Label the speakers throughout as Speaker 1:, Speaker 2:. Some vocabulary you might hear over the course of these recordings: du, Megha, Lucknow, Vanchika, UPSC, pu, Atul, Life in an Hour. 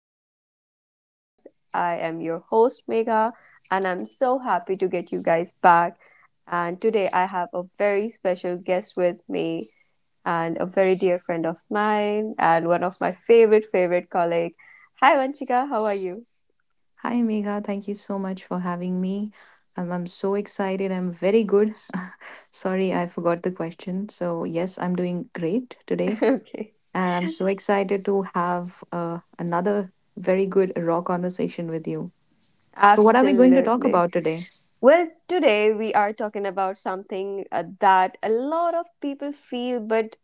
Speaker 1: Welcome to my podcast. I am your host, Mega, and I'm so happy to get you guys back. And today I have a very special guest with me and a very dear friend of mine and one of my favorite, favorite colleague. Hi, Vanchika. How are you?
Speaker 2: Hi, Megha. Thank you so much for having me. I'm so excited. I'm very good. Sorry, I forgot the question. So, yes, I'm doing great today.
Speaker 1: Okay.
Speaker 2: And I'm so excited to have another very good raw conversation with you. So, what are we going to talk
Speaker 1: Absolutely.
Speaker 2: about today?
Speaker 1: Well, today we are talking about something that a lot of people feel but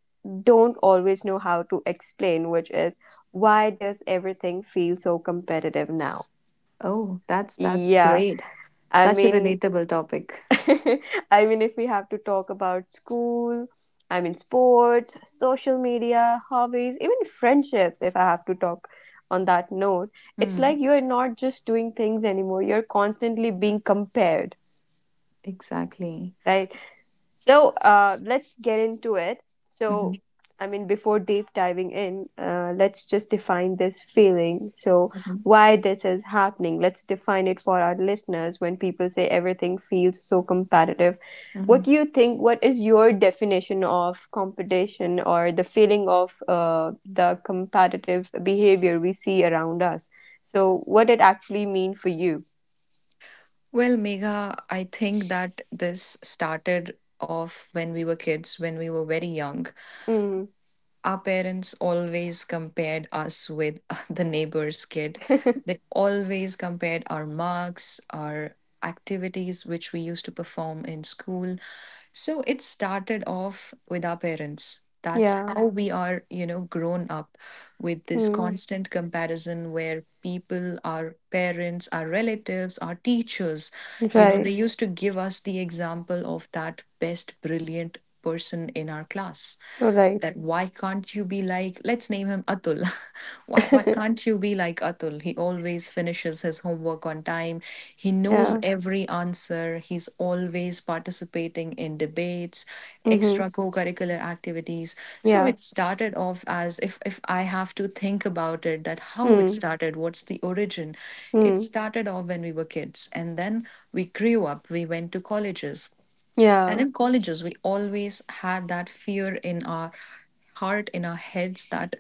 Speaker 1: don't always know how to explain, which is, why does everything feel so competitive now?
Speaker 2: Oh, that's
Speaker 1: Yeah,
Speaker 2: great.
Speaker 1: I
Speaker 2: Such a
Speaker 1: mean,
Speaker 2: relatable topic.
Speaker 1: I mean, if we have to talk about school, I mean, sports, social media, hobbies, even friendships, if I have to talk on that note, it's
Speaker 2: Hmm,
Speaker 1: like you're not just doing things anymore, you're constantly being compared,
Speaker 2: exactly.
Speaker 1: right. So let's get into it. So,
Speaker 2: Mhm,
Speaker 1: I mean, before deep diving in, let's just define this feeling. So,
Speaker 2: mhm,
Speaker 1: why this is happening? Let's define it for our listeners. When people say everything feels so competitive, what
Speaker 2: mhm.
Speaker 1: do you think? What is your definition of competition or the feeling of the competitive behavior we see around us? So, what it actually mean for you?
Speaker 2: Well, Megha, I think that this started off when we were kids, when we were very young.
Speaker 1: Mm,
Speaker 2: Our parents always compared us with the neighbor's kid. They always compared our marks, our activities which we used to perform in school, so it started off with our parents. That's
Speaker 1: yeah.
Speaker 2: how we are, you know, grown up with this
Speaker 1: Mm,
Speaker 2: constant comparison where people, our parents, our relatives, our teachers, you know,
Speaker 1: right.
Speaker 2: they used to give us the example of that best brilliant person in our class,
Speaker 1: All right.
Speaker 2: that why can't you be like, let's name him Atul. Why can't you be like Atul? He always finishes his homework on time, he knows
Speaker 1: Yeah.
Speaker 2: every answer. He's always participating in debates,
Speaker 1: Mm-hmm.
Speaker 2: extra co-curricular activities. So
Speaker 1: Yeah.
Speaker 2: it started off as, if I have to think about it, that how it
Speaker 1: Hmm.
Speaker 2: started, what's the origin? It
Speaker 1: Mm.
Speaker 2: started off when we were kids, and then we grew up. We went to colleges. And
Speaker 1: Yeah.
Speaker 2: in colleges, we always had that fear in our heart, in our heads, that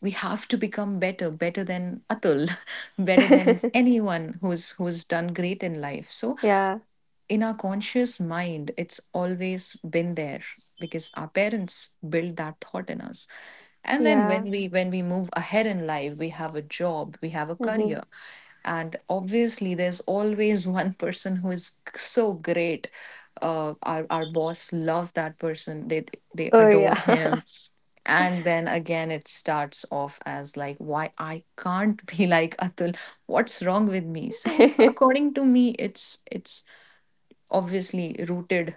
Speaker 2: we have to become better, better than Atul, better than anyone who's done great in life. So
Speaker 1: Yeah.
Speaker 2: in our conscious mind, it's always been there because our parents build that thought in us. And then
Speaker 1: Yeah.
Speaker 2: when we move ahead in life, we have a job, we have a
Speaker 1: Hmm.
Speaker 2: career. And obviously there's always one person who is so great. Our boss love that person. They
Speaker 1: Oh,
Speaker 2: adore
Speaker 1: yeah.
Speaker 2: him. And then again, it starts off as like, why I can't be like Atul? What's wrong with me? So, according to me, it's obviously rooted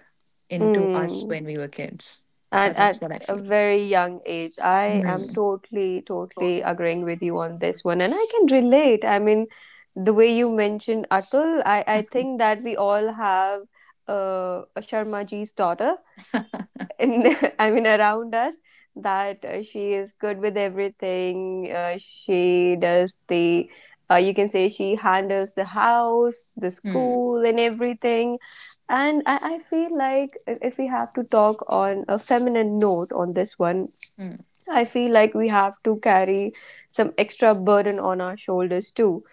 Speaker 2: into us
Speaker 1: Mm.
Speaker 2: when we were kids.
Speaker 1: At
Speaker 2: That's
Speaker 1: at
Speaker 2: what I
Speaker 1: a
Speaker 2: feel.
Speaker 1: very young age, I am
Speaker 2: Mm.
Speaker 1: totally totally agreeing with you on this one, and I can relate. I mean, the way you mentioned Atul, I think that we all have a Sharma ji's daughter in I mean around us, that she is good with everything. She does the, you can say she handles the house, the
Speaker 2: Hmm.
Speaker 1: school, and everything. And I feel like, if we have to talk on a feminine note on this one,
Speaker 2: Hmm.
Speaker 1: I feel like we have to carry some extra burden on our shoulders too,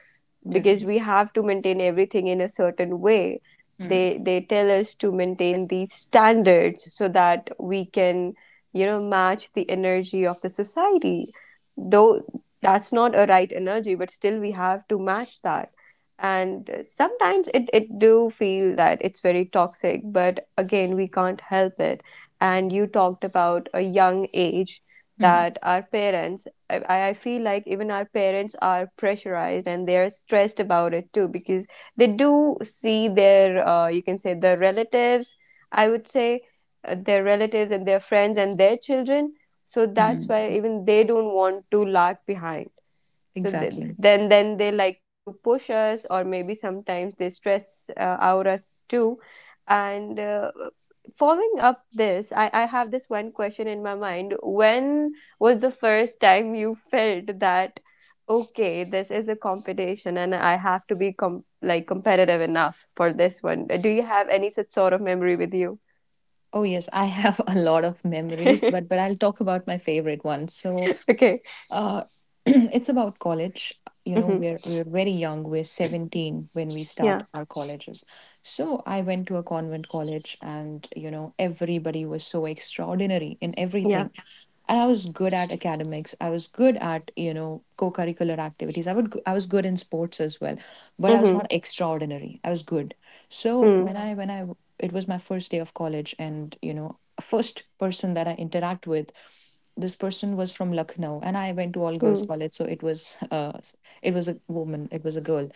Speaker 1: because
Speaker 2: Definitely.
Speaker 1: we have to maintain everything in a certain way.
Speaker 2: Hmm.
Speaker 1: They tell us to maintain these standards so that we can, match the energy of the society, though that's not a right energy, but still we have to match that. And sometimes it do feel that it's very toxic, but again we can't help it. And you talked about a young age,
Speaker 2: Hmm.
Speaker 1: that our parents, I feel like even our parents are pressurized and they're stressed about it too, because they do see their, you can say, their relatives, I would say, their relatives and their friends and their children. So that's
Speaker 2: Hmm.
Speaker 1: why even they don't want to lag behind. So th-
Speaker 2: Exactly.
Speaker 1: then then they like to push us, or maybe sometimes they stress out us too. And following up this, I have this one question in my mind. When was the first time you felt that, okay, this is a competition and I have to be like competitive enough for this one? Do you have any such sort of memory with you?
Speaker 2: Oh yes, I have a lot of memories, but I'll talk about my favorite one. So,
Speaker 1: Okay.
Speaker 2: uh, it's about college. You know,
Speaker 1: Mm-hmm.
Speaker 2: we're very young. We're 17 when we start
Speaker 1: Yeah,
Speaker 2: our colleges. So I went to a convent college, and you know, everybody was so extraordinary in
Speaker 1: yeah.
Speaker 2: everything. And I was good at academics. I was good at, you know, co-curricular activities. I was good in sports as well, but I was
Speaker 1: Mm-hmm.
Speaker 2: not extraordinary. I was good. So when it was my first day of college, and you know, first person that I interact with, this person was from Lucknow, and I went to all girls
Speaker 1: Mm.
Speaker 2: college, so it was it was a woman, it was a girl.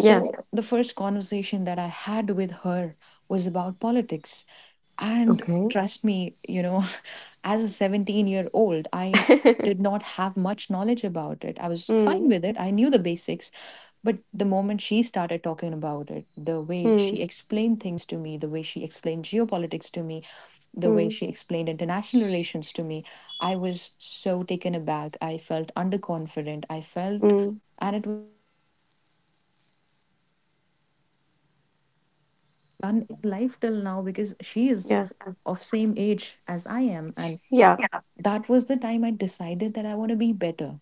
Speaker 1: Yeah.
Speaker 2: the first conversation that I had with her was about politics, and
Speaker 1: Okay.
Speaker 2: trust me, you know, as a 17-year-old, I did not have much knowledge about it. I was fine
Speaker 1: Mm.
Speaker 2: with it. I knew the basics. But the moment she started talking about it, the way
Speaker 1: Mm.
Speaker 2: she explained things to me, the way she explained geopolitics to me, the way
Speaker 1: Mm.
Speaker 2: she explained international relations to me, I was so taken aback. I felt underconfident. I felt,
Speaker 1: Mm.
Speaker 2: and it in life till now, because she is
Speaker 1: Yeah.
Speaker 2: of same age as I am, and
Speaker 1: Yeah.
Speaker 2: that was the time I decided that I want to be better.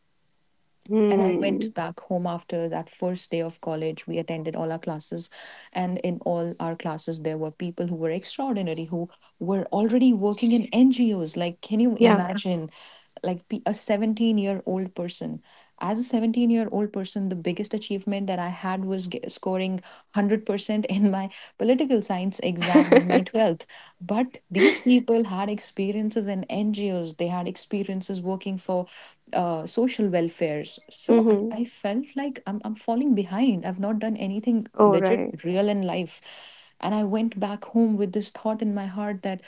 Speaker 2: And I
Speaker 1: Mm.
Speaker 2: went back home after that first day of college. We attended all our classes, and in all our classes there were people who were extraordinary, who were already working in NGOs. Like, can you
Speaker 1: Yeah.
Speaker 2: imagine, like a 17-year-old person? As a 17-year-old person, the biggest achievement that I had was scoring 100% in my political science exam in my 12th. But these people had experiences in ngos, they had experiences working for social welfares. So I,
Speaker 1: Mm-hmm.
Speaker 2: I felt like I'm falling behind. I've not done anything
Speaker 1: All
Speaker 2: legit
Speaker 1: right.
Speaker 2: real in life. And I went back home with this thought in my heart, that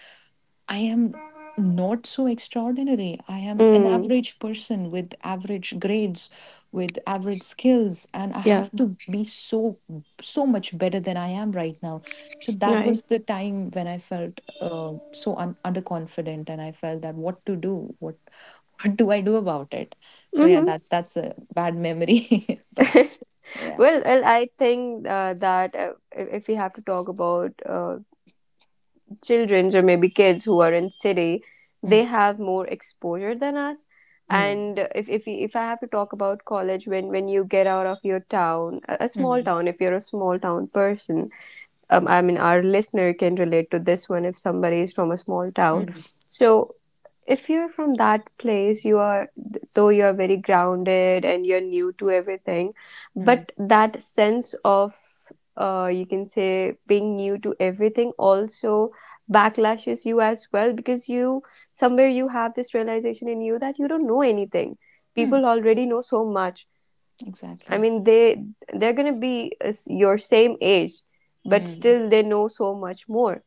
Speaker 2: I am not so extraordinary. I am an
Speaker 1: Mm.
Speaker 2: average person with average grades, with average skills, and I
Speaker 1: Yeah.
Speaker 2: have to be so, so much better than I am right now. So that
Speaker 1: Right.
Speaker 2: was the time when I felt so underconfident, and I felt that what to do, what, what do I do about it? So yeah,
Speaker 1: Mm-hmm.
Speaker 2: that's a bad memory, but yeah.
Speaker 1: Well, I think that if we have to talk about children or maybe kids who are in city,
Speaker 2: Mm,
Speaker 1: they have more exposure than us.
Speaker 2: mm,
Speaker 1: And if I have to talk about college, when you get out of your town, a small
Speaker 2: mm,
Speaker 1: town, if you're a small town person, I mean, our listener can relate to this one if somebody is from a small town.
Speaker 2: mm,
Speaker 1: So, if you're from that place, you are, though you are very grounded and you're new to everything,
Speaker 2: mm,
Speaker 1: but that sense of, you can say, being new to everything also backlashes you as well, because you, somewhere you have this realization in you that you don't know anything.
Speaker 2: mm.
Speaker 1: People already know so much. I
Speaker 2: Exactly.
Speaker 1: mean, they're gonna be as your same age, but
Speaker 2: Mm.
Speaker 1: still they know so much more.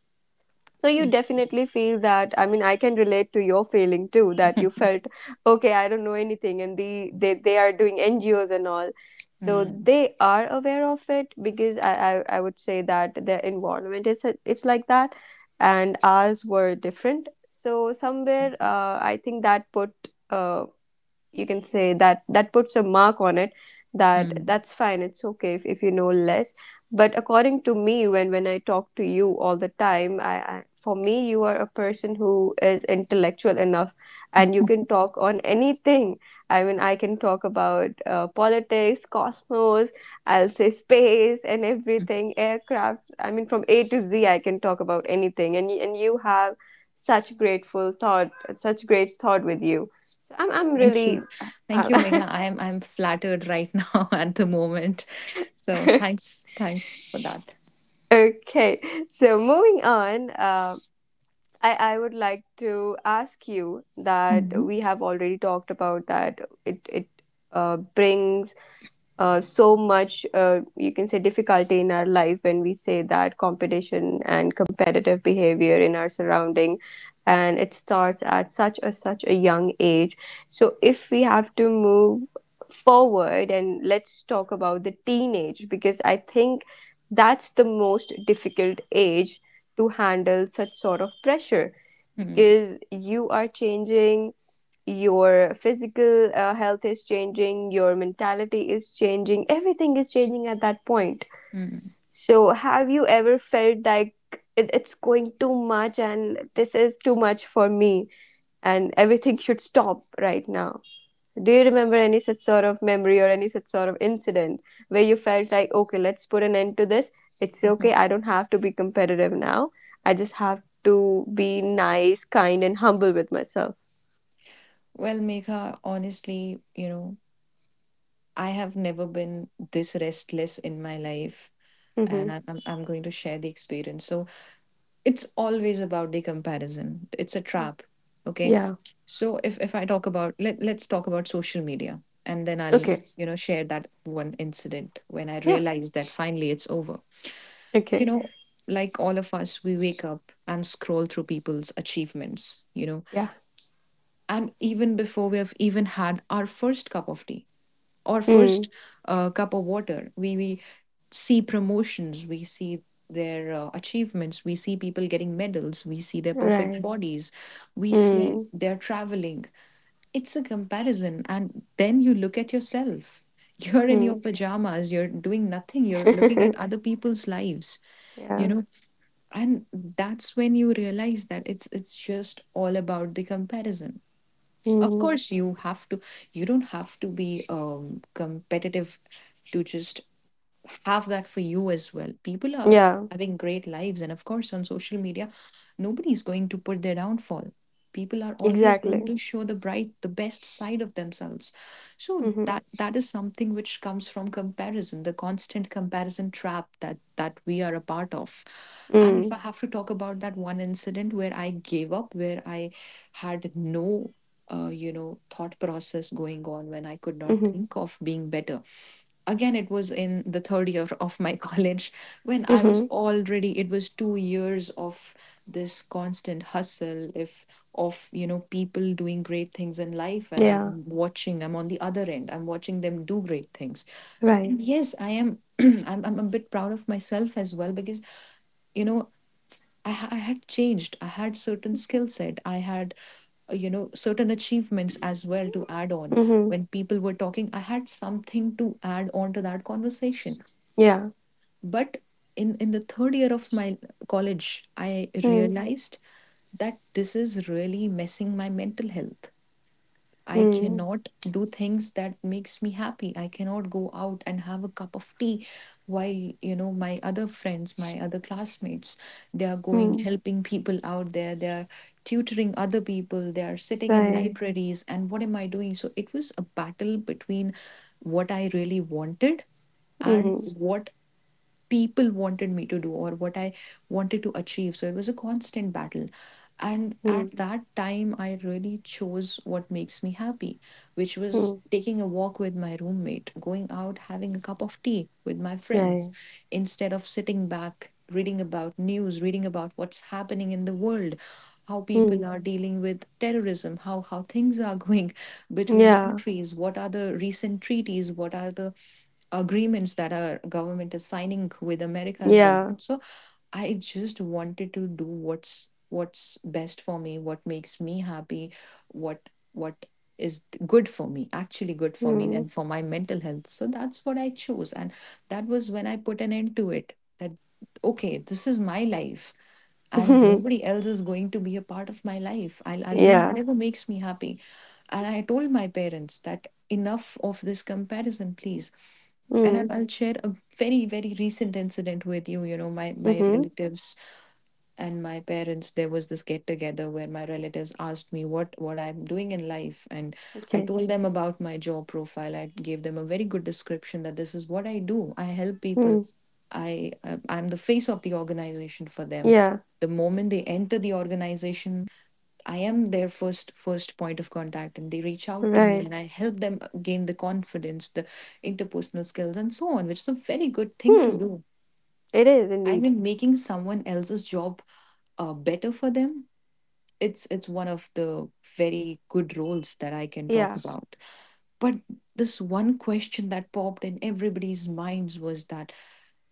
Speaker 1: So you
Speaker 2: It's.
Speaker 1: definitely feel that. I mean, I can relate to your feeling too. That you felt, okay, I don't know anything, and they are doing NGOs and all, so
Speaker 2: Mm.
Speaker 1: they are aware of it, because I would say that their environment is it's like that, and ours were different. So somewhere,
Speaker 2: Exactly.
Speaker 1: I think that put, uh, you can say, that that puts a mark on it, that
Speaker 2: Mm.
Speaker 1: that's fine, it's okay if you know less. But according to me, when I talk to you all the time, I for me, you are a person who is intellectual enough and you can talk on anything. I mean, I can talk about politics, cosmos, I'll say space and everything, aircraft. I mean, from A to Z, I can talk about anything. And you have such grateful thought, such great thought with you. So I'm
Speaker 2: Thank
Speaker 1: really
Speaker 2: you. Thank you,
Speaker 1: uh,
Speaker 2: Megha. I'm flattered right now at the moment. So thanks. Thanks for that.
Speaker 1: okay. So moving on, I would like to ask you that
Speaker 2: Mhm.
Speaker 1: we have already talked about that it brings so much, you can say, difficulty in our life, when we say that competition and competitive behavior in our surrounding, and it starts at such a young age. So if we have to move forward and let's talk about the teenage, because I think that's the most difficult age to handle such sort of pressure,
Speaker 2: Mm,
Speaker 1: because you are changing, your physical health is changing, your mentality is changing, everything is changing at that point.
Speaker 2: mm,
Speaker 1: So, have you ever felt like it's going too much and this is too much for me and everything should stop right now? Do you remember any such sort of memory or any such sort of incident where you felt like, okay, let's put an end to this? It's okay,
Speaker 2: mhm.
Speaker 1: I don't have to be competitive now. I just have to be nice, kind, and humble with myself.
Speaker 2: Well, Megha, honestly, you know, I have never been this restless in my life.
Speaker 1: Mm-hmm.
Speaker 2: I'm going to share the experience. So it's always about the comparison. It's a trap. Okay.
Speaker 1: Yeah.
Speaker 2: So if I talk about, let's talk about social media, and then I'll,
Speaker 1: Okay.
Speaker 2: you know, share that one incident when I
Speaker 1: Yeah.
Speaker 2: realized that finally it's over, you
Speaker 1: Okay.
Speaker 2: know? Like all of us, we wake up and scroll through people's achievements, you know,
Speaker 1: Yeah.
Speaker 2: and even before we have even had our first cup of tea or
Speaker 1: Mm.
Speaker 2: first cup of water, we see promotions, we see their achievements, we see people getting medals, we see their perfect
Speaker 1: Right.
Speaker 2: bodies, we see
Speaker 1: Mm.
Speaker 2: their traveling. It's a comparison. And then you look at yourself. You're in your
Speaker 1: Mm.
Speaker 2: pajamas, you're doing nothing, you're looking at other people's lives, you
Speaker 1: Yeah.
Speaker 2: know? And that's when you realize that it's just all about the comparison. Of
Speaker 1: Mm.
Speaker 2: course, you have to, you don't have to be competitive to just have that for you as well. People are
Speaker 1: Yeah.
Speaker 2: having great lives, and of course on social media, nobody is going to put their downfall. People are always going
Speaker 1: Exactly.
Speaker 2: to show the bright, the best side of themselves. So
Speaker 1: Mm-hmm.
Speaker 2: that is something which comes from comparison, the constant comparison trap that we are a part of. And if
Speaker 1: Mm.
Speaker 2: I have to talk about that one incident where I gave up, where I had no you know, thought process going on, when I could not
Speaker 1: Mm-hmm.
Speaker 2: think of being better, again it was in the third year of my college, when I was
Speaker 1: Mm-hmm.
Speaker 2: already, it was 2 years of this constant hustle, if of you know, people doing great things in life, and I'm
Speaker 1: Yeah.
Speaker 2: watching, I'm on the other end, I'm watching them do great things.
Speaker 1: Right.
Speaker 2: And yes I am, I'm a bit proud of myself as well, because you know, I had changed, I had certain skill set, I had you know, certain achievements as well to add on.
Speaker 1: Mm-hmm.
Speaker 2: When people were talking, I had something to add on to that conversation.
Speaker 1: Yeah.
Speaker 2: But in the third year of my college, I
Speaker 1: Mm.
Speaker 2: realized that this is really messing my mental health. I Mhm.
Speaker 1: Mm.
Speaker 2: cannot do things that makes me happy. I cannot go out and have a cup of tea while, you know, my other friends, my other classmates, they are going
Speaker 1: Mm.
Speaker 2: helping people out there. They are tutoring other people. They are sitting in Mhm.
Speaker 1: Right.
Speaker 2: libraries. And what am I doing? So it was a battle between what I really wanted
Speaker 1: Mm-hmm.
Speaker 2: and what people wanted me to do, or what I wanted to achieve. So it was a constant battle. And
Speaker 1: Mm.
Speaker 2: at that time, I really chose what makes me happy, which was
Speaker 1: Mm.
Speaker 2: taking a walk with my roommate, going out, having a cup of tea with my friends,
Speaker 1: Right.
Speaker 2: instead of sitting back, reading about news, reading about what's happening in the world, how people
Speaker 1: Mm.
Speaker 2: are dealing with terrorism, how things are going between
Speaker 1: Yeah.
Speaker 2: countries, what are the recent treaties, what are the agreements that our government is signing with america's
Speaker 1: Yeah.
Speaker 2: government. So I just wanted to do what's best for me, what makes me happy, what is good for me, actually good for me
Speaker 1: Mm.
Speaker 2: and for my mental health. So that's what I chose, and that was when I put an end to it. That, okay, this is my life and nobody else is going to be a part of my life. I'll do
Speaker 1: Yeah.
Speaker 2: whatever makes me happy. And I told my parents that enough of this comparison, please. And
Speaker 1: Mm.
Speaker 2: I'll share a very very recent incident with you. You know, my
Speaker 1: Mm-hmm.
Speaker 2: relatives and my parents, there was this get together where my relatives asked me what I'm doing in life. And I
Speaker 1: Okay.
Speaker 2: told them about my job profile. I gave them a very good description that this is what I do. I help people.
Speaker 1: Mm.
Speaker 2: I I'm the face of the organization for them.
Speaker 1: Yeah.
Speaker 2: The moment they enter the organization, I am their first point of contact, and they reach out to me
Speaker 1: Right.
Speaker 2: and I help them gain the confidence, the interpersonal skills and so on, which is a very good thing
Speaker 1: Hmm.
Speaker 2: to do.
Speaker 1: It is
Speaker 2: I
Speaker 1: indeed.
Speaker 2: mean, making someone else's job better for them. It's one of the very good roles that I can talk
Speaker 1: Yeah.
Speaker 2: about. But this one question that popped in everybody's minds was that,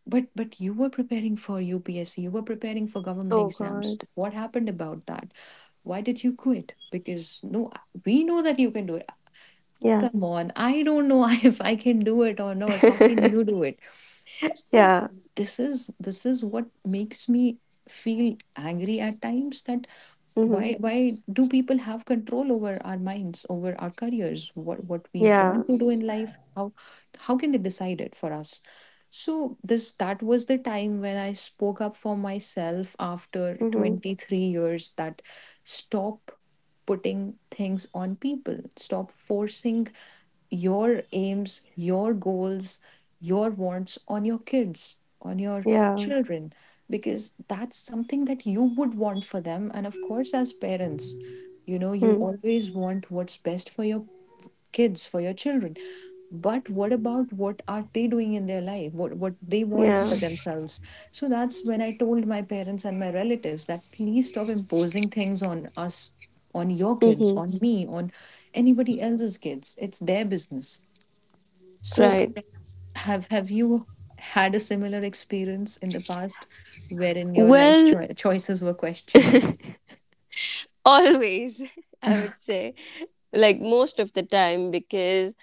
Speaker 2: but you were preparing for UPSC, you were preparing for government
Speaker 1: Oh,
Speaker 2: exams.
Speaker 1: God.
Speaker 2: What happened about that? Why did you quit? Because, no, we know that you can do it.
Speaker 1: Yeah.
Speaker 2: Come on, I don't know if I can do it or not. How can you do it? So
Speaker 1: Yeah.
Speaker 2: this is what makes me feel angry at times, that
Speaker 1: Mm-hmm.
Speaker 2: why do people have control over our minds, over our careers, what we
Speaker 1: Yeah.
Speaker 2: want to do in life. How can they decide it for us? So this that was the time when I spoke up for myself after
Speaker 1: Mm-hmm.
Speaker 2: 23 years, that stop putting things on people, stop forcing your aims, your goals, your wants on your kids, on your
Speaker 1: Yeah.
Speaker 2: children, because that's something that you would want for them. And of course, as parents, you know, you
Speaker 1: Mm.
Speaker 2: always want what's best for your kids, for your children. But what about what are they doing in their life? What they want
Speaker 1: Yeah.
Speaker 2: for Mhm. themselves? So that's when I told my parents and my relatives that please stop imposing things on us, on your kids,
Speaker 1: Mm-hmm.
Speaker 2: on me, on anybody else's kids. It's their business. So
Speaker 1: Right.
Speaker 2: have you had a similar experience in the past wherein your
Speaker 1: Well,
Speaker 2: choices were questioned?
Speaker 1: always, I would say, like most of the time, because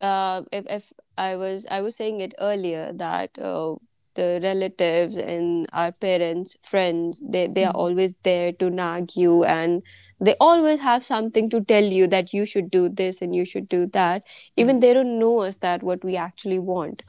Speaker 1: if I was saying it earlier that the relatives and our parents, friends, they are always there to nag you, and they always have something to tell you that you should do this and you should do that. Even
Speaker 2: Mm,
Speaker 1: they don't know us that what we actually want.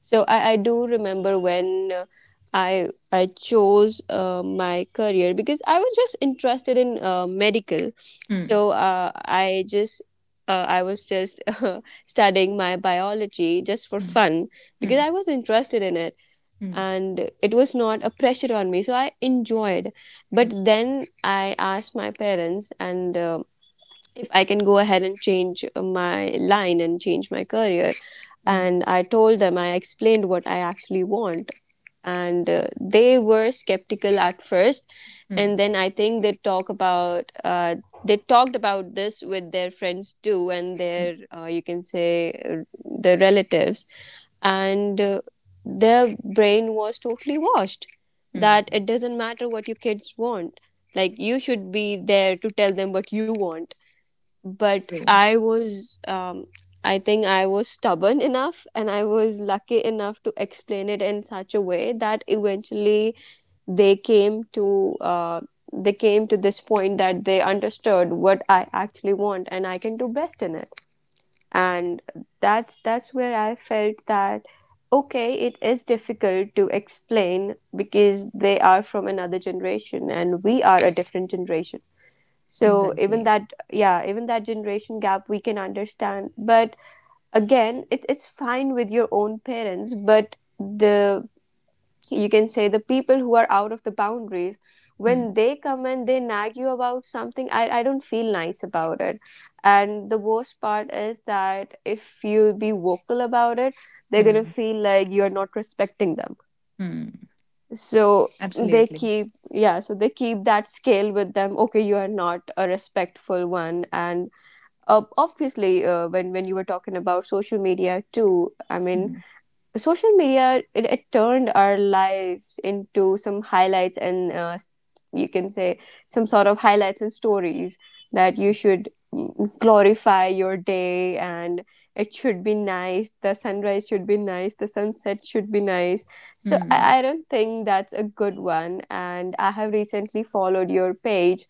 Speaker 1: So I do remember when, I chose my career because I was just interested in medical.
Speaker 2: mm, mm,
Speaker 1: So I was just studying my biology just for
Speaker 2: mm, mm,
Speaker 1: fun, because
Speaker 2: mm,
Speaker 1: I was interested in it,
Speaker 2: mm,
Speaker 1: and it was not a pressure on me so I enjoyed. But then I asked my parents, and if I can go ahead and change my line and change my career.
Speaker 2: mm,
Speaker 1: And I told them, I explained what I actually want. And they were skeptical at first.
Speaker 2: mm,
Speaker 1: And then I think they talked about this with their friends too, and
Speaker 2: mm,
Speaker 1: you can say, their relatives. And their brain was totally washed,
Speaker 2: mm.
Speaker 1: that it doesn't matter what your kids want. Like, you should be there to tell them what you want. But
Speaker 2: True.
Speaker 1: I was, I think I was stubborn enough, and I was lucky enough to explain it in such a way that eventually they came to, uh, they came to this point that they understood what I actually want and I can do best in it. And that's where I felt that, okay, it is difficult to explain because they are from another generation and we are a different generation, so even
Speaker 2: Exactly.
Speaker 1: that, yeah, even that generation gap we can understand. But again, it's fine with your own parents, but the, you can say, the people who are out of the boundaries,
Speaker 2: Mm,
Speaker 1: when they come and they nag you about something, I don't feel nice about it. And the worst part is that if you be vocal about it, they're gonna
Speaker 2: mm,
Speaker 1: feel like you're not respecting them.
Speaker 2: mm.
Speaker 1: So they
Speaker 2: Absolutely.
Speaker 1: keep, yeah, so they keep that scale with them: okay, you are not a respectful one. And obviously, when you were talking about social media too, I mean,
Speaker 2: Mm,
Speaker 1: social media, it turned our lives into some highlights and you can say some sort of highlights and stories, that you should, glorify your day, and it should be nice, the sunrise should be nice, the sunset should be nice. So
Speaker 2: mm.
Speaker 1: I don't think that's a good one. And I have recently followed your page.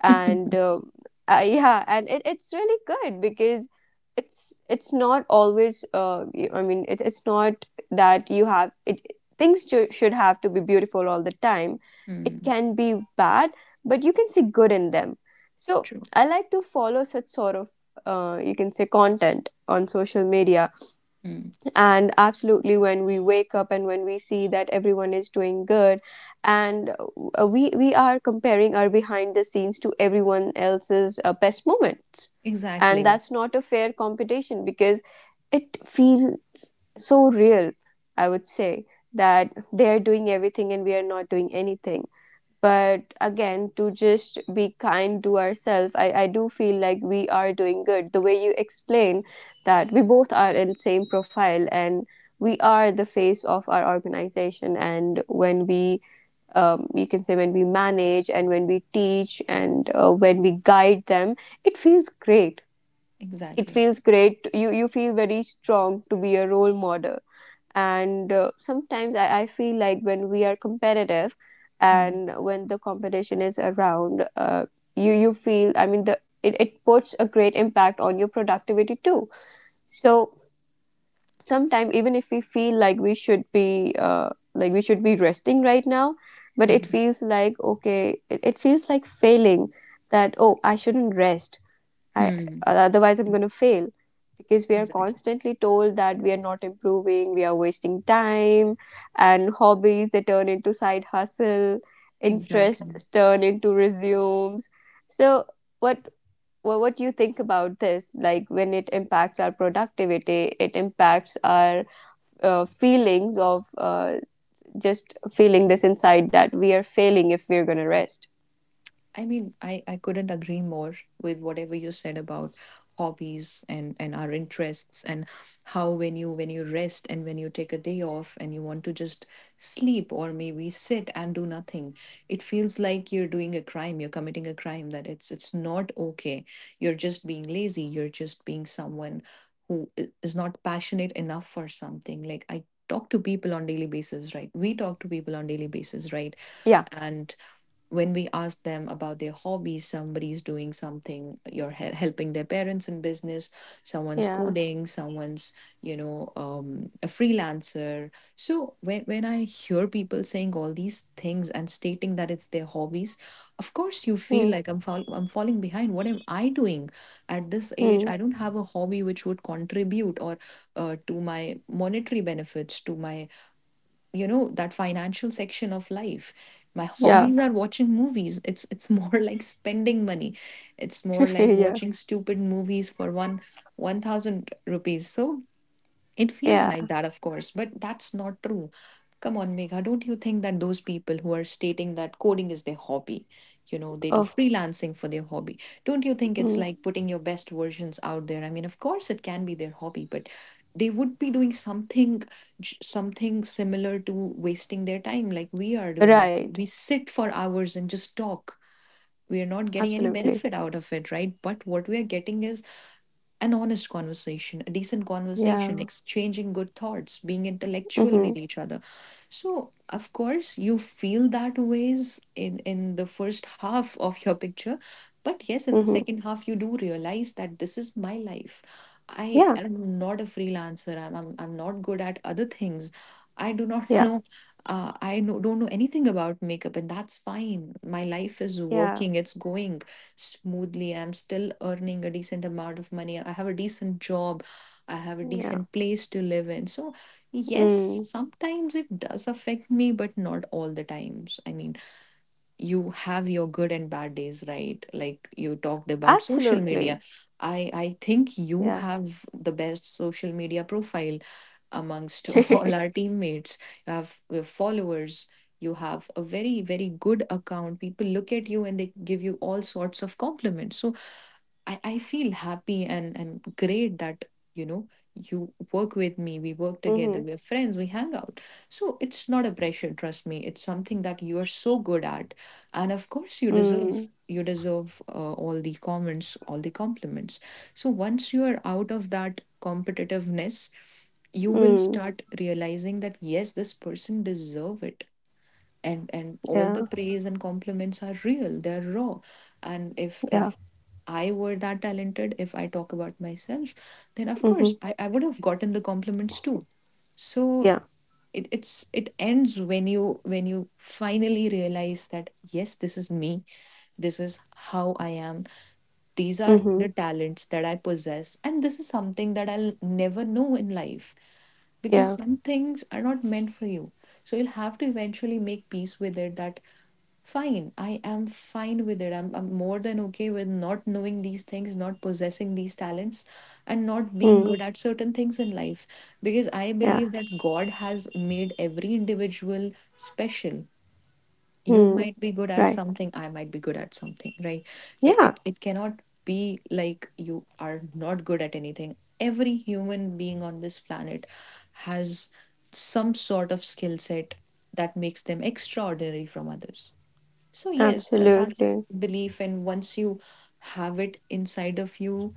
Speaker 1: And yeah, and it's really good because it's not always, I mean, it's not that you have it, things should have to be beautiful all the time. It
Speaker 2: Mm,
Speaker 1: can be bad, but you can see good in them. So
Speaker 2: True.
Speaker 1: I like to follow such sort of, you can say, content on social media.
Speaker 2: Mm.
Speaker 1: And absolutely, when we wake up and when we see that everyone is doing good, and we are comparing our behind the scenes to everyone else's best moments, and
Speaker 2: Exactly.
Speaker 1: that's not a fair competition because it feels so real. I would say that they are doing everything and we are not doing anything. But again, to just be kind to ourselves, I do feel like we are doing good. The way you explain, that we both are in same profile, and we are the face of our organization, and when we, you can say, when we manage and when we teach and when we guide them, it feels great. It
Speaker 2: Exactly.
Speaker 1: feels great. You feel very strong to be a role model. And sometimes I feel like when we are competitive,
Speaker 2: Mm,
Speaker 1: and when the competition is around, you, you feel, I mean, the it puts a great impact on your productivity too. So sometimes even if we feel like we should be, like we should be resting right now, but it
Speaker 2: mm,
Speaker 1: feels like, okay, it feels like failing, that, oh, I shouldn't rest. I,
Speaker 2: mm.
Speaker 1: otherwise, I'm going to fail, because we are
Speaker 2: Exactly.
Speaker 1: constantly told that we are not improving, we are wasting time, and hobbies, they turn into side hustle,
Speaker 2: Exactly.
Speaker 1: interests turn into resumes. So, what, well, what do you think about this? Like, when it impacts our productivity, it impacts our feelings of, just feeling this inside that we are failing if we're gonna rest.
Speaker 2: I mean, I couldn't agree more with whatever you said about hobbies and our interests and how when you rest and when you take a day off and you want to just sleep or maybe sit and do nothing, it feels like you're doing a crime, you're committing a crime, that it's not okay. You're just being lazy, you're just being someone who is not passionate enough for something. Like I talk to people on daily basis, right? We talk to people on daily basis, right?
Speaker 1: Yeah,
Speaker 2: And when, we ask them about their hobbies, somebody's doing something, you're helping their parents in business, someone's
Speaker 1: yeah,
Speaker 2: coding, someone's, you know, a freelancer. So when I hear people saying all these things and stating that it's their hobbies, of course you feel
Speaker 1: Hmm.
Speaker 2: like I'm falling behind. What am I doing at this age?
Speaker 1: Hmm.
Speaker 2: I don't have a hobby which would contribute or to my monetary benefits, to my, you know, that financial section of life. My
Speaker 1: yeah,
Speaker 2: hobbies are watching movies. It's more like spending money, it's more like
Speaker 1: yeah,
Speaker 2: watching stupid movies for one 1000 rupees. So it feels
Speaker 1: yeah.
Speaker 2: like that, of course, but that's not true. Come on, Megha, don't you think that those people who are stating that coding is their hobby, you know, they do
Speaker 1: Oh,
Speaker 2: freelancing for their hobby, don't you think it's
Speaker 1: mm.
Speaker 2: like putting your best versions out there? I mean, of course, it can be their hobby, but they would be doing something something similar to wasting their time, like we are doing.
Speaker 1: Right.
Speaker 2: We sit for hours and just talk. We are not getting any
Speaker 1: Absolutely.
Speaker 2: benefit out of it, right? But what we are getting is an honest conversation, a decent conversation,
Speaker 1: Yeah.
Speaker 2: exchanging good thoughts, being intellectual
Speaker 1: Mm-hmm.
Speaker 2: with each other. So, of course, you feel that ways in the first half of your picture. But yes, in the
Speaker 1: Mm-hmm.
Speaker 2: second half, you do realize that this is my life. I
Speaker 1: Yeah.
Speaker 2: am not a freelancer. I'm not good at other things. I do not
Speaker 1: Yeah.
Speaker 2: know don't know anything about makeup, and that's fine. My life is
Speaker 1: Yeah.
Speaker 2: working, it's going smoothly. I'm still earning a decent amount of money. I have a decent job. I have a
Speaker 1: Yeah.
Speaker 2: decent place to live in. So, yes,
Speaker 1: Mm.
Speaker 2: sometimes it does affect me, but not all the times. I mean, you have your good and bad days, right? Like you talked about social media,
Speaker 1: Absolutely.
Speaker 2: I think you
Speaker 1: Yeah.
Speaker 2: have the best social media profile amongst all our teammates. You have your followers, you have a very very good account. People look at you and they give you all sorts of compliments. So I feel happy and great that, you know, you work with me, we work
Speaker 1: Mm-hmm.
Speaker 2: together, we're friends, we hang out. So it's not a pressure, trust me, it's something that you are so good at. And of course you
Speaker 1: Mm.
Speaker 2: deserve all the comments, all the compliments. So once you are out of that competitiveness, you will
Speaker 1: Mm.
Speaker 2: start realizing that, yes, this person deserve it. And all
Speaker 1: Yeah.
Speaker 2: the praise and compliments are real, they're raw. And if
Speaker 1: Yeah.
Speaker 2: if I were that talented, if I talk about myself, then of
Speaker 1: Mm-hmm.
Speaker 2: course I would have gotten the compliments too. So
Speaker 1: Yeah.
Speaker 2: it's it ends when you finally realize that, yes, this is me, this is how I am, these are
Speaker 1: Mm-hmm.
Speaker 2: the talents that I possess, and this is something that I'll never know in life, because
Speaker 1: Yeah.
Speaker 2: some things are not meant for you. So you'll have to eventually make peace with it, that fine, I am fine with it. I'm more than okay with not knowing these things, not possessing these talents, and not being
Speaker 1: Mm.
Speaker 2: good at certain things in life. Because I
Speaker 1: Yeah.
Speaker 2: believe that God has made every individual special. You
Speaker 1: Mm.
Speaker 2: might be good at
Speaker 1: Right.
Speaker 2: something, I might be good at something, right? It,
Speaker 1: Yeah.
Speaker 2: it, it cannot be like you are not good at anything. Every human being on this planet has some sort of skill set that makes them extraordinary from others. So yes, that's
Speaker 1: Absolutely.
Speaker 2: belief, and once you have it inside of you,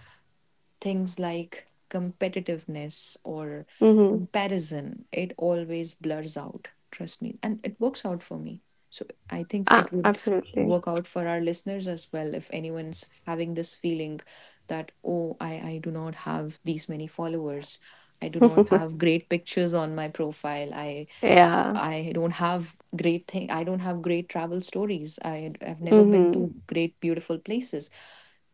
Speaker 2: things like competitiveness or
Speaker 1: Mm-hmm.
Speaker 2: comparison, it always blurs out. Trust me, and it works out for me. So I think
Speaker 1: Ah,
Speaker 2: it would
Speaker 1: absolutely.
Speaker 2: work out for our listeners as well, if anyone's having this feeling that, oh, I do not have these many followers, I do not have great pictures on my profile, I
Speaker 1: Yeah.
Speaker 2: I don't have great thing. I don't have great travel stories. I have never been
Speaker 1: Mm-hmm.
Speaker 2: to great beautiful places.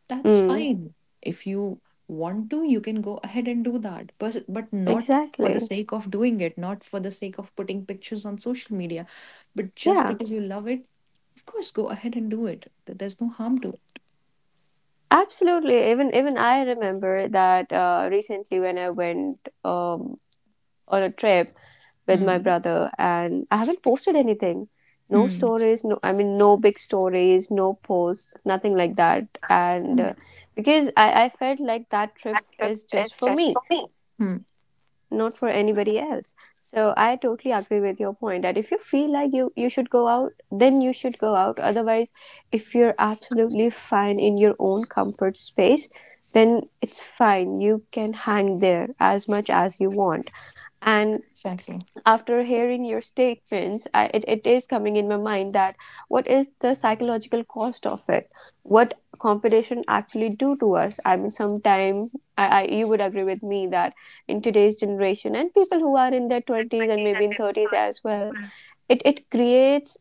Speaker 2: That's
Speaker 1: Mm.
Speaker 2: fine. If you want to, you can go ahead and do that. But not for the
Speaker 1: Exactly.
Speaker 2: sake of doing it, not for the sake of putting pictures on social media, but just
Speaker 1: Yeah.
Speaker 2: because you love it, of course, go ahead and do it. There's no harm to it.
Speaker 1: Absolutely. Even I remember that, recently when I went, on a trip with my
Speaker 2: Mm.
Speaker 1: brother, and I haven't posted anything. No
Speaker 2: Mm.
Speaker 1: stories. No, I mean, no big stories. No posts. Nothing like that. And
Speaker 2: Mm.
Speaker 1: because I felt like that trip is just for me,
Speaker 2: Mm.
Speaker 1: not for anybody else. So I totally agree with your point that if you feel like you should go out, then you should go out. Otherwise, if you're absolutely fine in your own comfort space, then it's fine, you can hang there as much as you want. And
Speaker 2: Exactly.
Speaker 1: after hearing your statements, I, it is coming in my mind that, what is the psychological cost of it? What competition actually do to us? I mean, sometime, I you would agree with me that in today's generation, and people who are in their twenties and maybe in thirties as well, it creates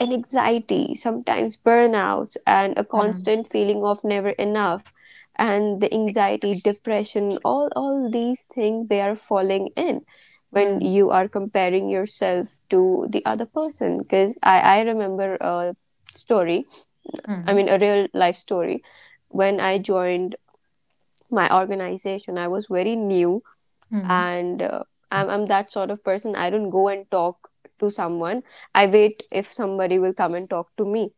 Speaker 1: and anxiety, sometimes burnout, and a
Speaker 2: Mm.
Speaker 1: constant feeling of never enough, and the anxiety, depression, all these things they are falling in when
Speaker 2: Mm.
Speaker 1: you are comparing yourself to the other person. Because I remember a story, I
Speaker 2: Mm.
Speaker 1: mean, a real life story, when I joined my organization, I was very new
Speaker 2: Mm.
Speaker 1: and. I'm that sort of person. I don't go and talk to someone. I wait if somebody will come and talk to me.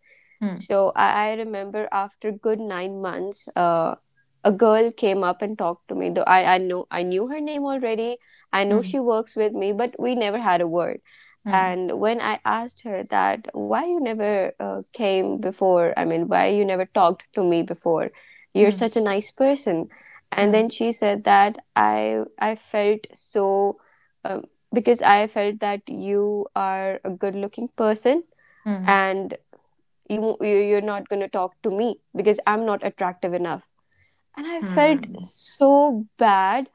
Speaker 1: So I remember, after good nine months, a girl came up and talked to me. Though I know, I knew her name already. I know
Speaker 2: Mm.
Speaker 1: she works with me, but we never had a word.
Speaker 2: Mm.
Speaker 1: And when I asked her that why you never, came before, I mean, why you never talked to me before, you're
Speaker 2: Mm.
Speaker 1: such a nice person. And then
Speaker 2: Mm.
Speaker 1: she said that I felt so, um, because I felt that you are a good looking person,
Speaker 2: Mm. Mm.
Speaker 1: and you're not going to talk to me because I'm not attractive enough. And I felt
Speaker 2: Mm.
Speaker 1: so bad.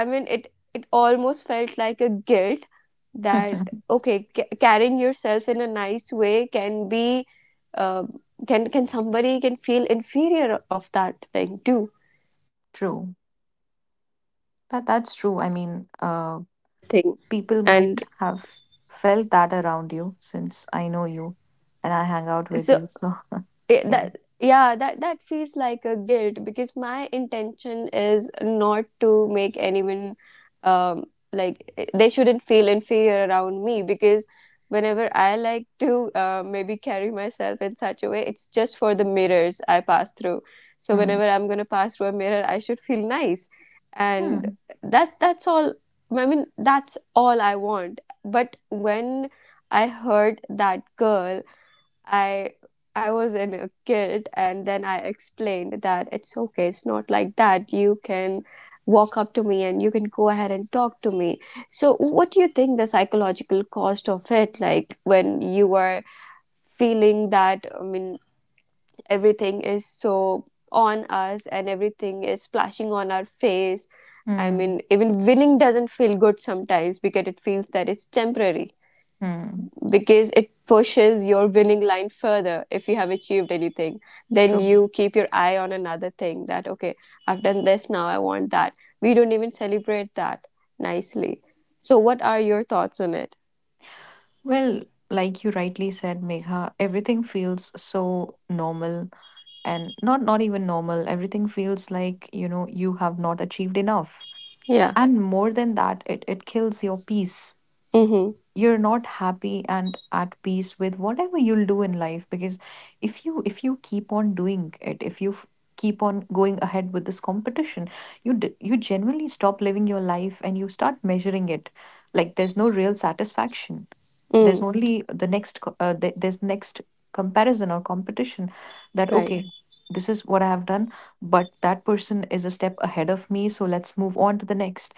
Speaker 1: I mean, it almost felt like a guilt, that, okay, carrying yourself in a nice way can be, uh, can somebody can feel inferior of that thing too.
Speaker 2: True. That that's true. I mean, people might
Speaker 1: And
Speaker 2: have felt that around you, since I know you and I hang out with
Speaker 1: so
Speaker 2: you. So
Speaker 1: it,
Speaker 2: yeah.
Speaker 1: that, yeah, that that feels like a guilt, because my intention is not to make anyone, um like, they shouldn't feel inferior around me, because whenever I like to, maybe carry myself in such a way, it's just for the mirrors I pass through. So
Speaker 2: Hmm.
Speaker 1: whenever I'm going to pass through a mirror, I should feel nice.
Speaker 2: Hmm.
Speaker 1: And that that's all, I mean, that's all I want. But when I heard that girl, I I was in a guilt, and then I explained that it's okay, not like that. You can walk up to me and you can go ahead and talk to me. So what do you think the psychological cost of it, like when you are feeling that, I mean, everything is so on us and everything is splashing on our face. I
Speaker 2: Hmm.
Speaker 1: mean, even winning doesn't feel good sometimes because it feels that it's temporary,
Speaker 2: Hmm.
Speaker 1: because it pushes your winning line further. If you have achieved anything, then
Speaker 2: True.
Speaker 1: you keep your eye on another thing, that, okay, I've done this, now I want that. We don't even celebrate that nicely. So what are your thoughts on it?
Speaker 2: Well, like you rightly said, Megha, everything feels so normal, and not not even normal. Everything feels like, you know, you have not achieved enough.
Speaker 1: Yeah.
Speaker 2: And more than that, it kills your peace.
Speaker 1: Mm-hmm.
Speaker 2: You're not happy and at peace with whatever you'll do in life, because if you keep on doing it, if you keep on going ahead with this competition, you you genuinely stop living your life and you start measuring it. Like there's no real satisfaction. There's
Speaker 1: Mm.
Speaker 2: only the next co- the, there's next comparison or competition, that
Speaker 1: Right.
Speaker 2: okay, this is what I have done, but that person is a step ahead of me, so let's move on to the next.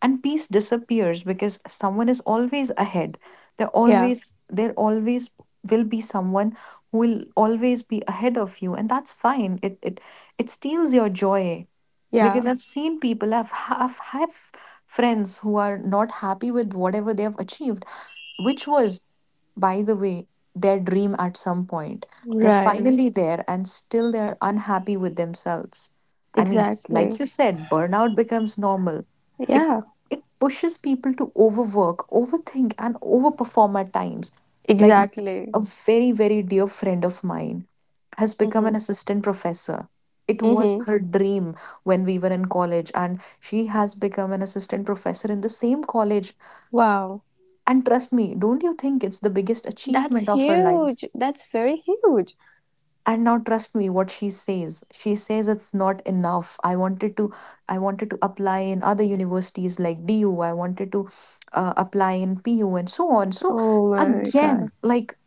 Speaker 2: And peace disappears because someone is always ahead. there
Speaker 1: Yeah.
Speaker 2: always there always will be someone who will always be ahead of you, and that's fine. It it steals your joy.
Speaker 1: Yeah.
Speaker 2: Because I've seen people, I've have friends who are not happy with whatever they have achieved, which was, by the way, their dream at some point. They're
Speaker 1: Right.
Speaker 2: finally there and still they're unhappy with themselves. I mean,
Speaker 1: Exactly.
Speaker 2: like you said, burnout becomes normal. It
Speaker 1: Yeah.
Speaker 2: it pushes people to overwork, overthink, and overperform at times. Like, Mhm.
Speaker 1: Exactly.
Speaker 2: a very very dear friend of mine has become
Speaker 1: Mm-hmm.
Speaker 2: an assistant professor. It was
Speaker 1: Mm-hmm.
Speaker 2: her dream when we were in college, and she has become an assistant professor in the same college.
Speaker 1: Wow,
Speaker 2: And trust me, don't you think it's the biggest
Speaker 1: that's
Speaker 2: achievement of her life?
Speaker 1: huge, that's very huge.
Speaker 2: And now, trust me, what she says, she says it's not enough. I wanted to apply in other universities like du. I wanted to apply in pu and so on. So
Speaker 1: Oh my
Speaker 2: again,
Speaker 1: god.
Speaker 2: like,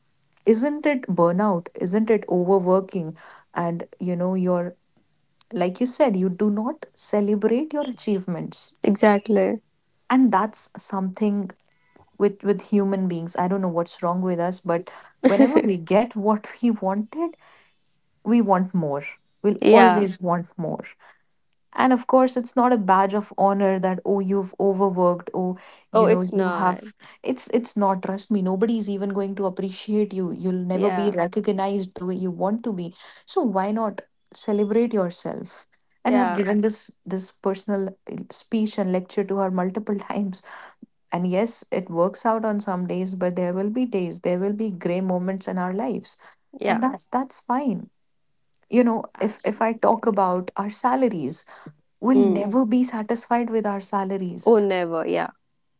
Speaker 2: isn't it burnout, isn't it overworking? And, you know, you're, like you said, you do not celebrate your achievements.
Speaker 1: Exactly.
Speaker 2: And that's something with human beings. I don't know what's wrong with us, but whenever we get what we wanted, we want more, we'll
Speaker 1: Yeah.
Speaker 2: always Yeah. want more. And of course it's not a badge of honor that, oh, you've overworked, oh,
Speaker 1: Oh,
Speaker 2: you know,
Speaker 1: it's
Speaker 2: you
Speaker 1: not.
Speaker 2: have, it's not, trust me, nobody's even going to appreciate you, you'll never be
Speaker 1: Yeah,
Speaker 2: Yeah. recognized the way you want to be. So why not celebrate yourself? And I've Yeah.
Speaker 1: yeah,
Speaker 2: given this this personal speech and lecture to her multiple times. And yes, it works out on some days, but there will be days, there will be gray moments in our lives. And
Speaker 1: yeah.
Speaker 2: that's fine. You know, if I talk
Speaker 1: Absolutely.
Speaker 2: about our salaries, we'll
Speaker 1: Mm.
Speaker 2: never be satisfied with our salaries.
Speaker 1: Oh, never. Yeah.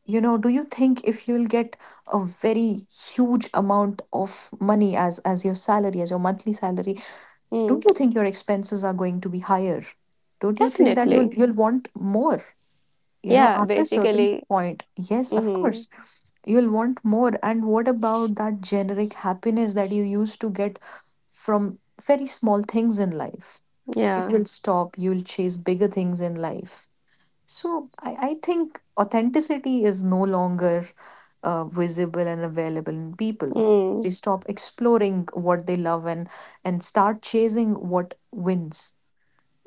Speaker 2: You know, do you think if you'll get a very huge amount of money as your salary, as your monthly salary,
Speaker 1: Mm.
Speaker 2: don't you think your expenses are going to be higher? Don't you think that you'll
Speaker 1: Definitely.
Speaker 2: you'll want more? You know,
Speaker 1: Yeah.
Speaker 2: after certain
Speaker 1: Basically.
Speaker 2: point, yes, of
Speaker 1: Hmm.
Speaker 2: course, you'll want more. And what about that generic happiness that you used to get from very small things in life? It
Speaker 1: Yeah.
Speaker 2: will stop. You'll chase bigger things in life. So I think authenticity is no longer visible and available in people. They
Speaker 1: Mm.
Speaker 2: stop exploring what they love and start chasing what wins,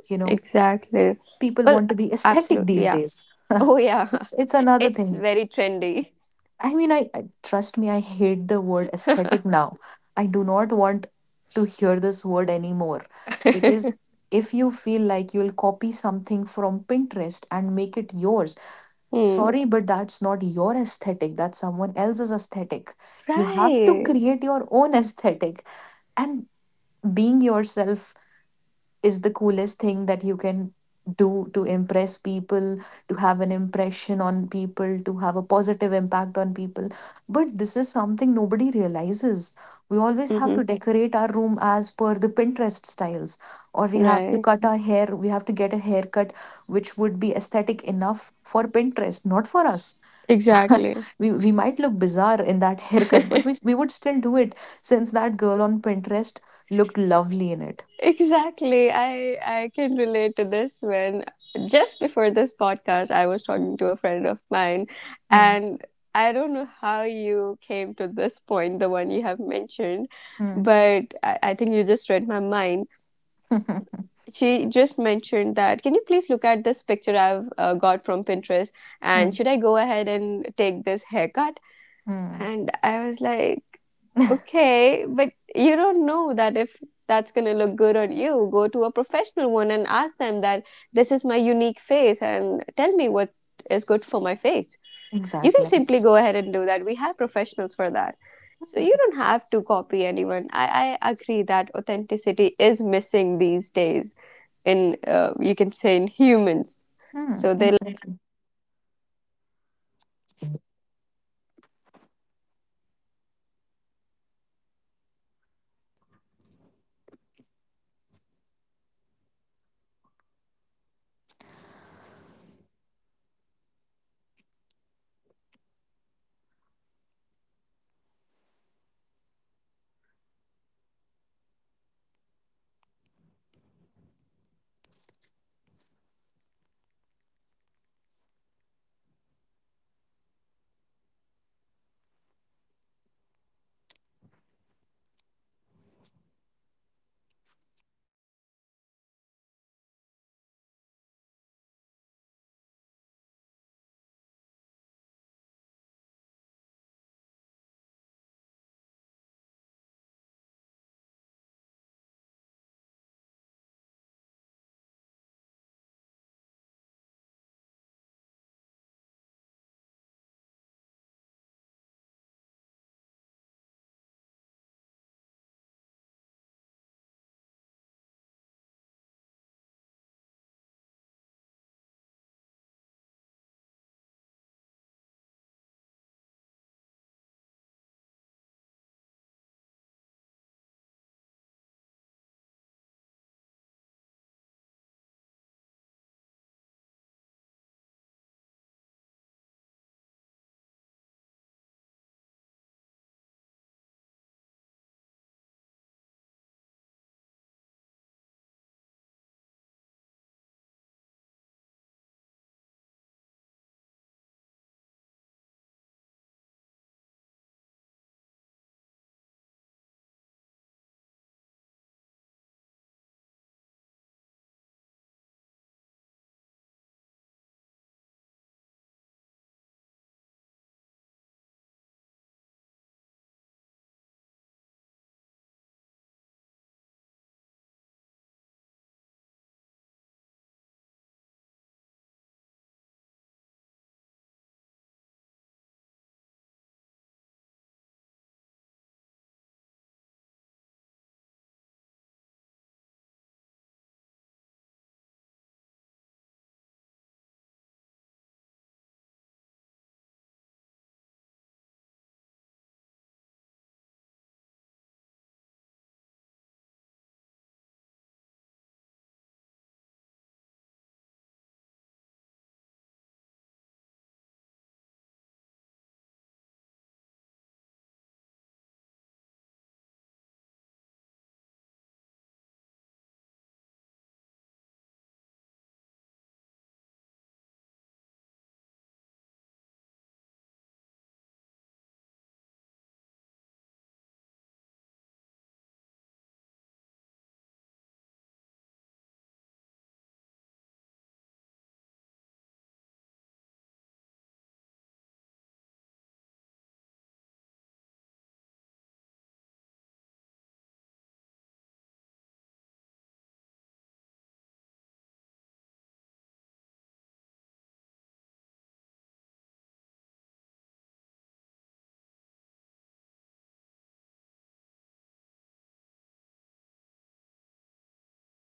Speaker 2: you know.
Speaker 1: Exactly.
Speaker 2: People
Speaker 1: Well,
Speaker 2: want to be aesthetic
Speaker 1: absolutely.
Speaker 2: these
Speaker 1: Yeah.
Speaker 2: days.
Speaker 1: Oh, yeah.
Speaker 2: It's another
Speaker 1: It's
Speaker 2: thing.
Speaker 1: very trendy.
Speaker 2: I mean, I trust me, I hate the word aesthetic now. I do not want to hear this word anymore, because if you feel like you'll copy something from Pinterest and make it yours,
Speaker 1: Mm.
Speaker 2: sorry, but that's not your aesthetic. That's someone else's aesthetic. You have to
Speaker 1: Right.
Speaker 2: create your own aesthetic, and being yourself is the coolest thing that you can do to impress people, to have an impression on people, to have a positive impact on people. But this is something nobody realizes. We always have
Speaker 1: Hmm.
Speaker 2: to decorate our room as per the Pinterest styles, or we have to
Speaker 1: Right.
Speaker 2: cut our hair, we have to get a haircut which would be aesthetic enough for Pinterest, not for us.
Speaker 1: Exactly.
Speaker 2: We might look bizarre in that haircut, but we would still do it, since that girl on Pinterest looked lovely in it.
Speaker 1: Exactly. I can relate to this when, just before this podcast, I was talking to a friend of mine,
Speaker 2: Hmm.
Speaker 1: and I don't know how you came to this point, the one you have mentioned,
Speaker 2: Hmm.
Speaker 1: but I think you just read my mind. She just mentioned that, can you please look at this picture I've, got from Pinterest, and
Speaker 2: Mm,
Speaker 1: should I go ahead and take this haircut?
Speaker 2: mm.
Speaker 1: And I was like, okay, but you don't know that if that's going to look good on you. Go to a professional one and ask them that this is my unique face and tell me what is good for my face. You can
Speaker 2: Exactly.
Speaker 1: simply go ahead and do that. We have professionals for that. So
Speaker 2: Mm,
Speaker 1: you don't have to copy anyone. I agree that authenticity is missing these days in, you can say, in humans.
Speaker 2: mm,
Speaker 1: So they like to
Speaker 2: Exactly.
Speaker 1: copy, and then they like to follow it. So if for our listening, listeners, if we have to close this up on a really good note, so give me one advice that how they can pull themselves out of this constant race, like how they can take a breather, how they can take a break, and how they should not be, uh, they should not feel guilty about taking a break. So, what do you think? What would you say about this one? So, what do you think, Vanchika? How we can cope up with this one? And I think that, this is something which we really really need to, you know, close our thoughts about. So, do you think that, I think constant race is definitely one thing which pulls us, back. And the first, limit comparison triggers. So I'm really thankful that you have joined, and you have shared your thoughts. And I am really grateful for each and everything. And I'm really thanking you, Vanchika, for joining us. And I'm grateful that we have shared our thoughts. And I would really, really like to close this point, guys, that first, limit comparison triggers. And second, define success for yourself privately. And third, give yourself permission to be average at things. That's absolutely fine if you guys are average at anything. So, anyone who's listening to this podcast, and if you're listening to this and feeling overwhelmed, just know you're not failing. You are reacting normally to an intense environment, and you don't have to compete to matter. You already do. You matter a lot. So, make sure that you guys are kind to yourself. You guys are doing everything in your power to make yourself feel like you are worth it, and go ahead and take a break and talk about you the things you love, okay, because as I mentioned it already that everything